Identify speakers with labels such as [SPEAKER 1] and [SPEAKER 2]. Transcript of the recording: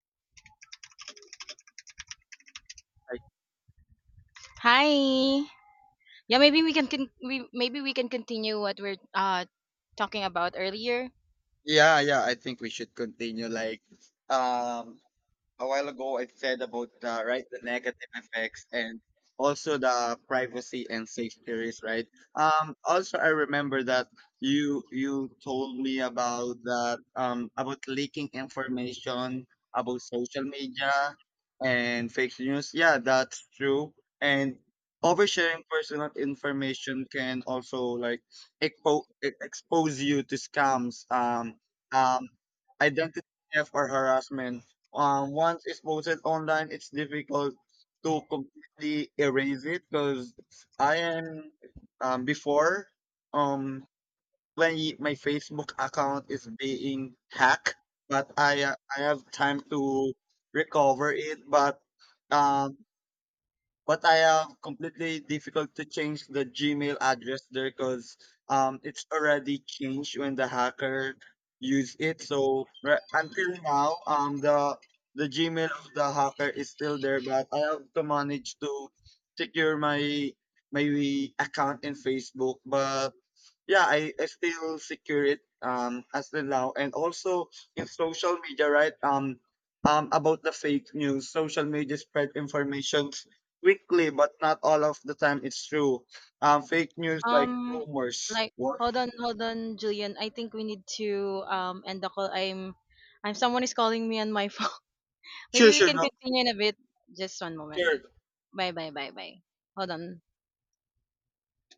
[SPEAKER 1] I,
[SPEAKER 2] Hi. Yeah, maybe we maybe we can continue what we're talking about earlier.
[SPEAKER 1] yeah, yeah, I think we should continue. Um, a while ago I said about the the negative effects and also the privacy and safety risk, right? Also I remember that you told me about that about leaking information about social media and fake news. Yeah, that's true. And oversharing personal information can also like expose you to scams, um, identity theft or harassment. Once it's posted online, it's difficult to completely erase it because I am before um when y- my Facebook account is being hacked, but I have time to recover it, but um but I am completely difficult to change the Gmail address there because it's already changed when the hacker use it. So right, until now, the Gmail of the hacker is still there, but I have to manage to secure my account in Facebook, but I still secure it as the now, and also in social media, right? About the fake news, social media spread information quickly but not all of the time it's true. Fake news like
[SPEAKER 2] Um,
[SPEAKER 1] rumors,
[SPEAKER 2] like
[SPEAKER 1] what?
[SPEAKER 2] hold on, hold on, Julian. I think we need to end the call. I'm someone is calling me on my phone.
[SPEAKER 1] Sure,
[SPEAKER 2] Maybe we
[SPEAKER 1] sure,
[SPEAKER 2] can
[SPEAKER 1] no,
[SPEAKER 2] continue in a bit. Just one moment.
[SPEAKER 1] sure.
[SPEAKER 2] Bye, bye, bye, bye. Hold on.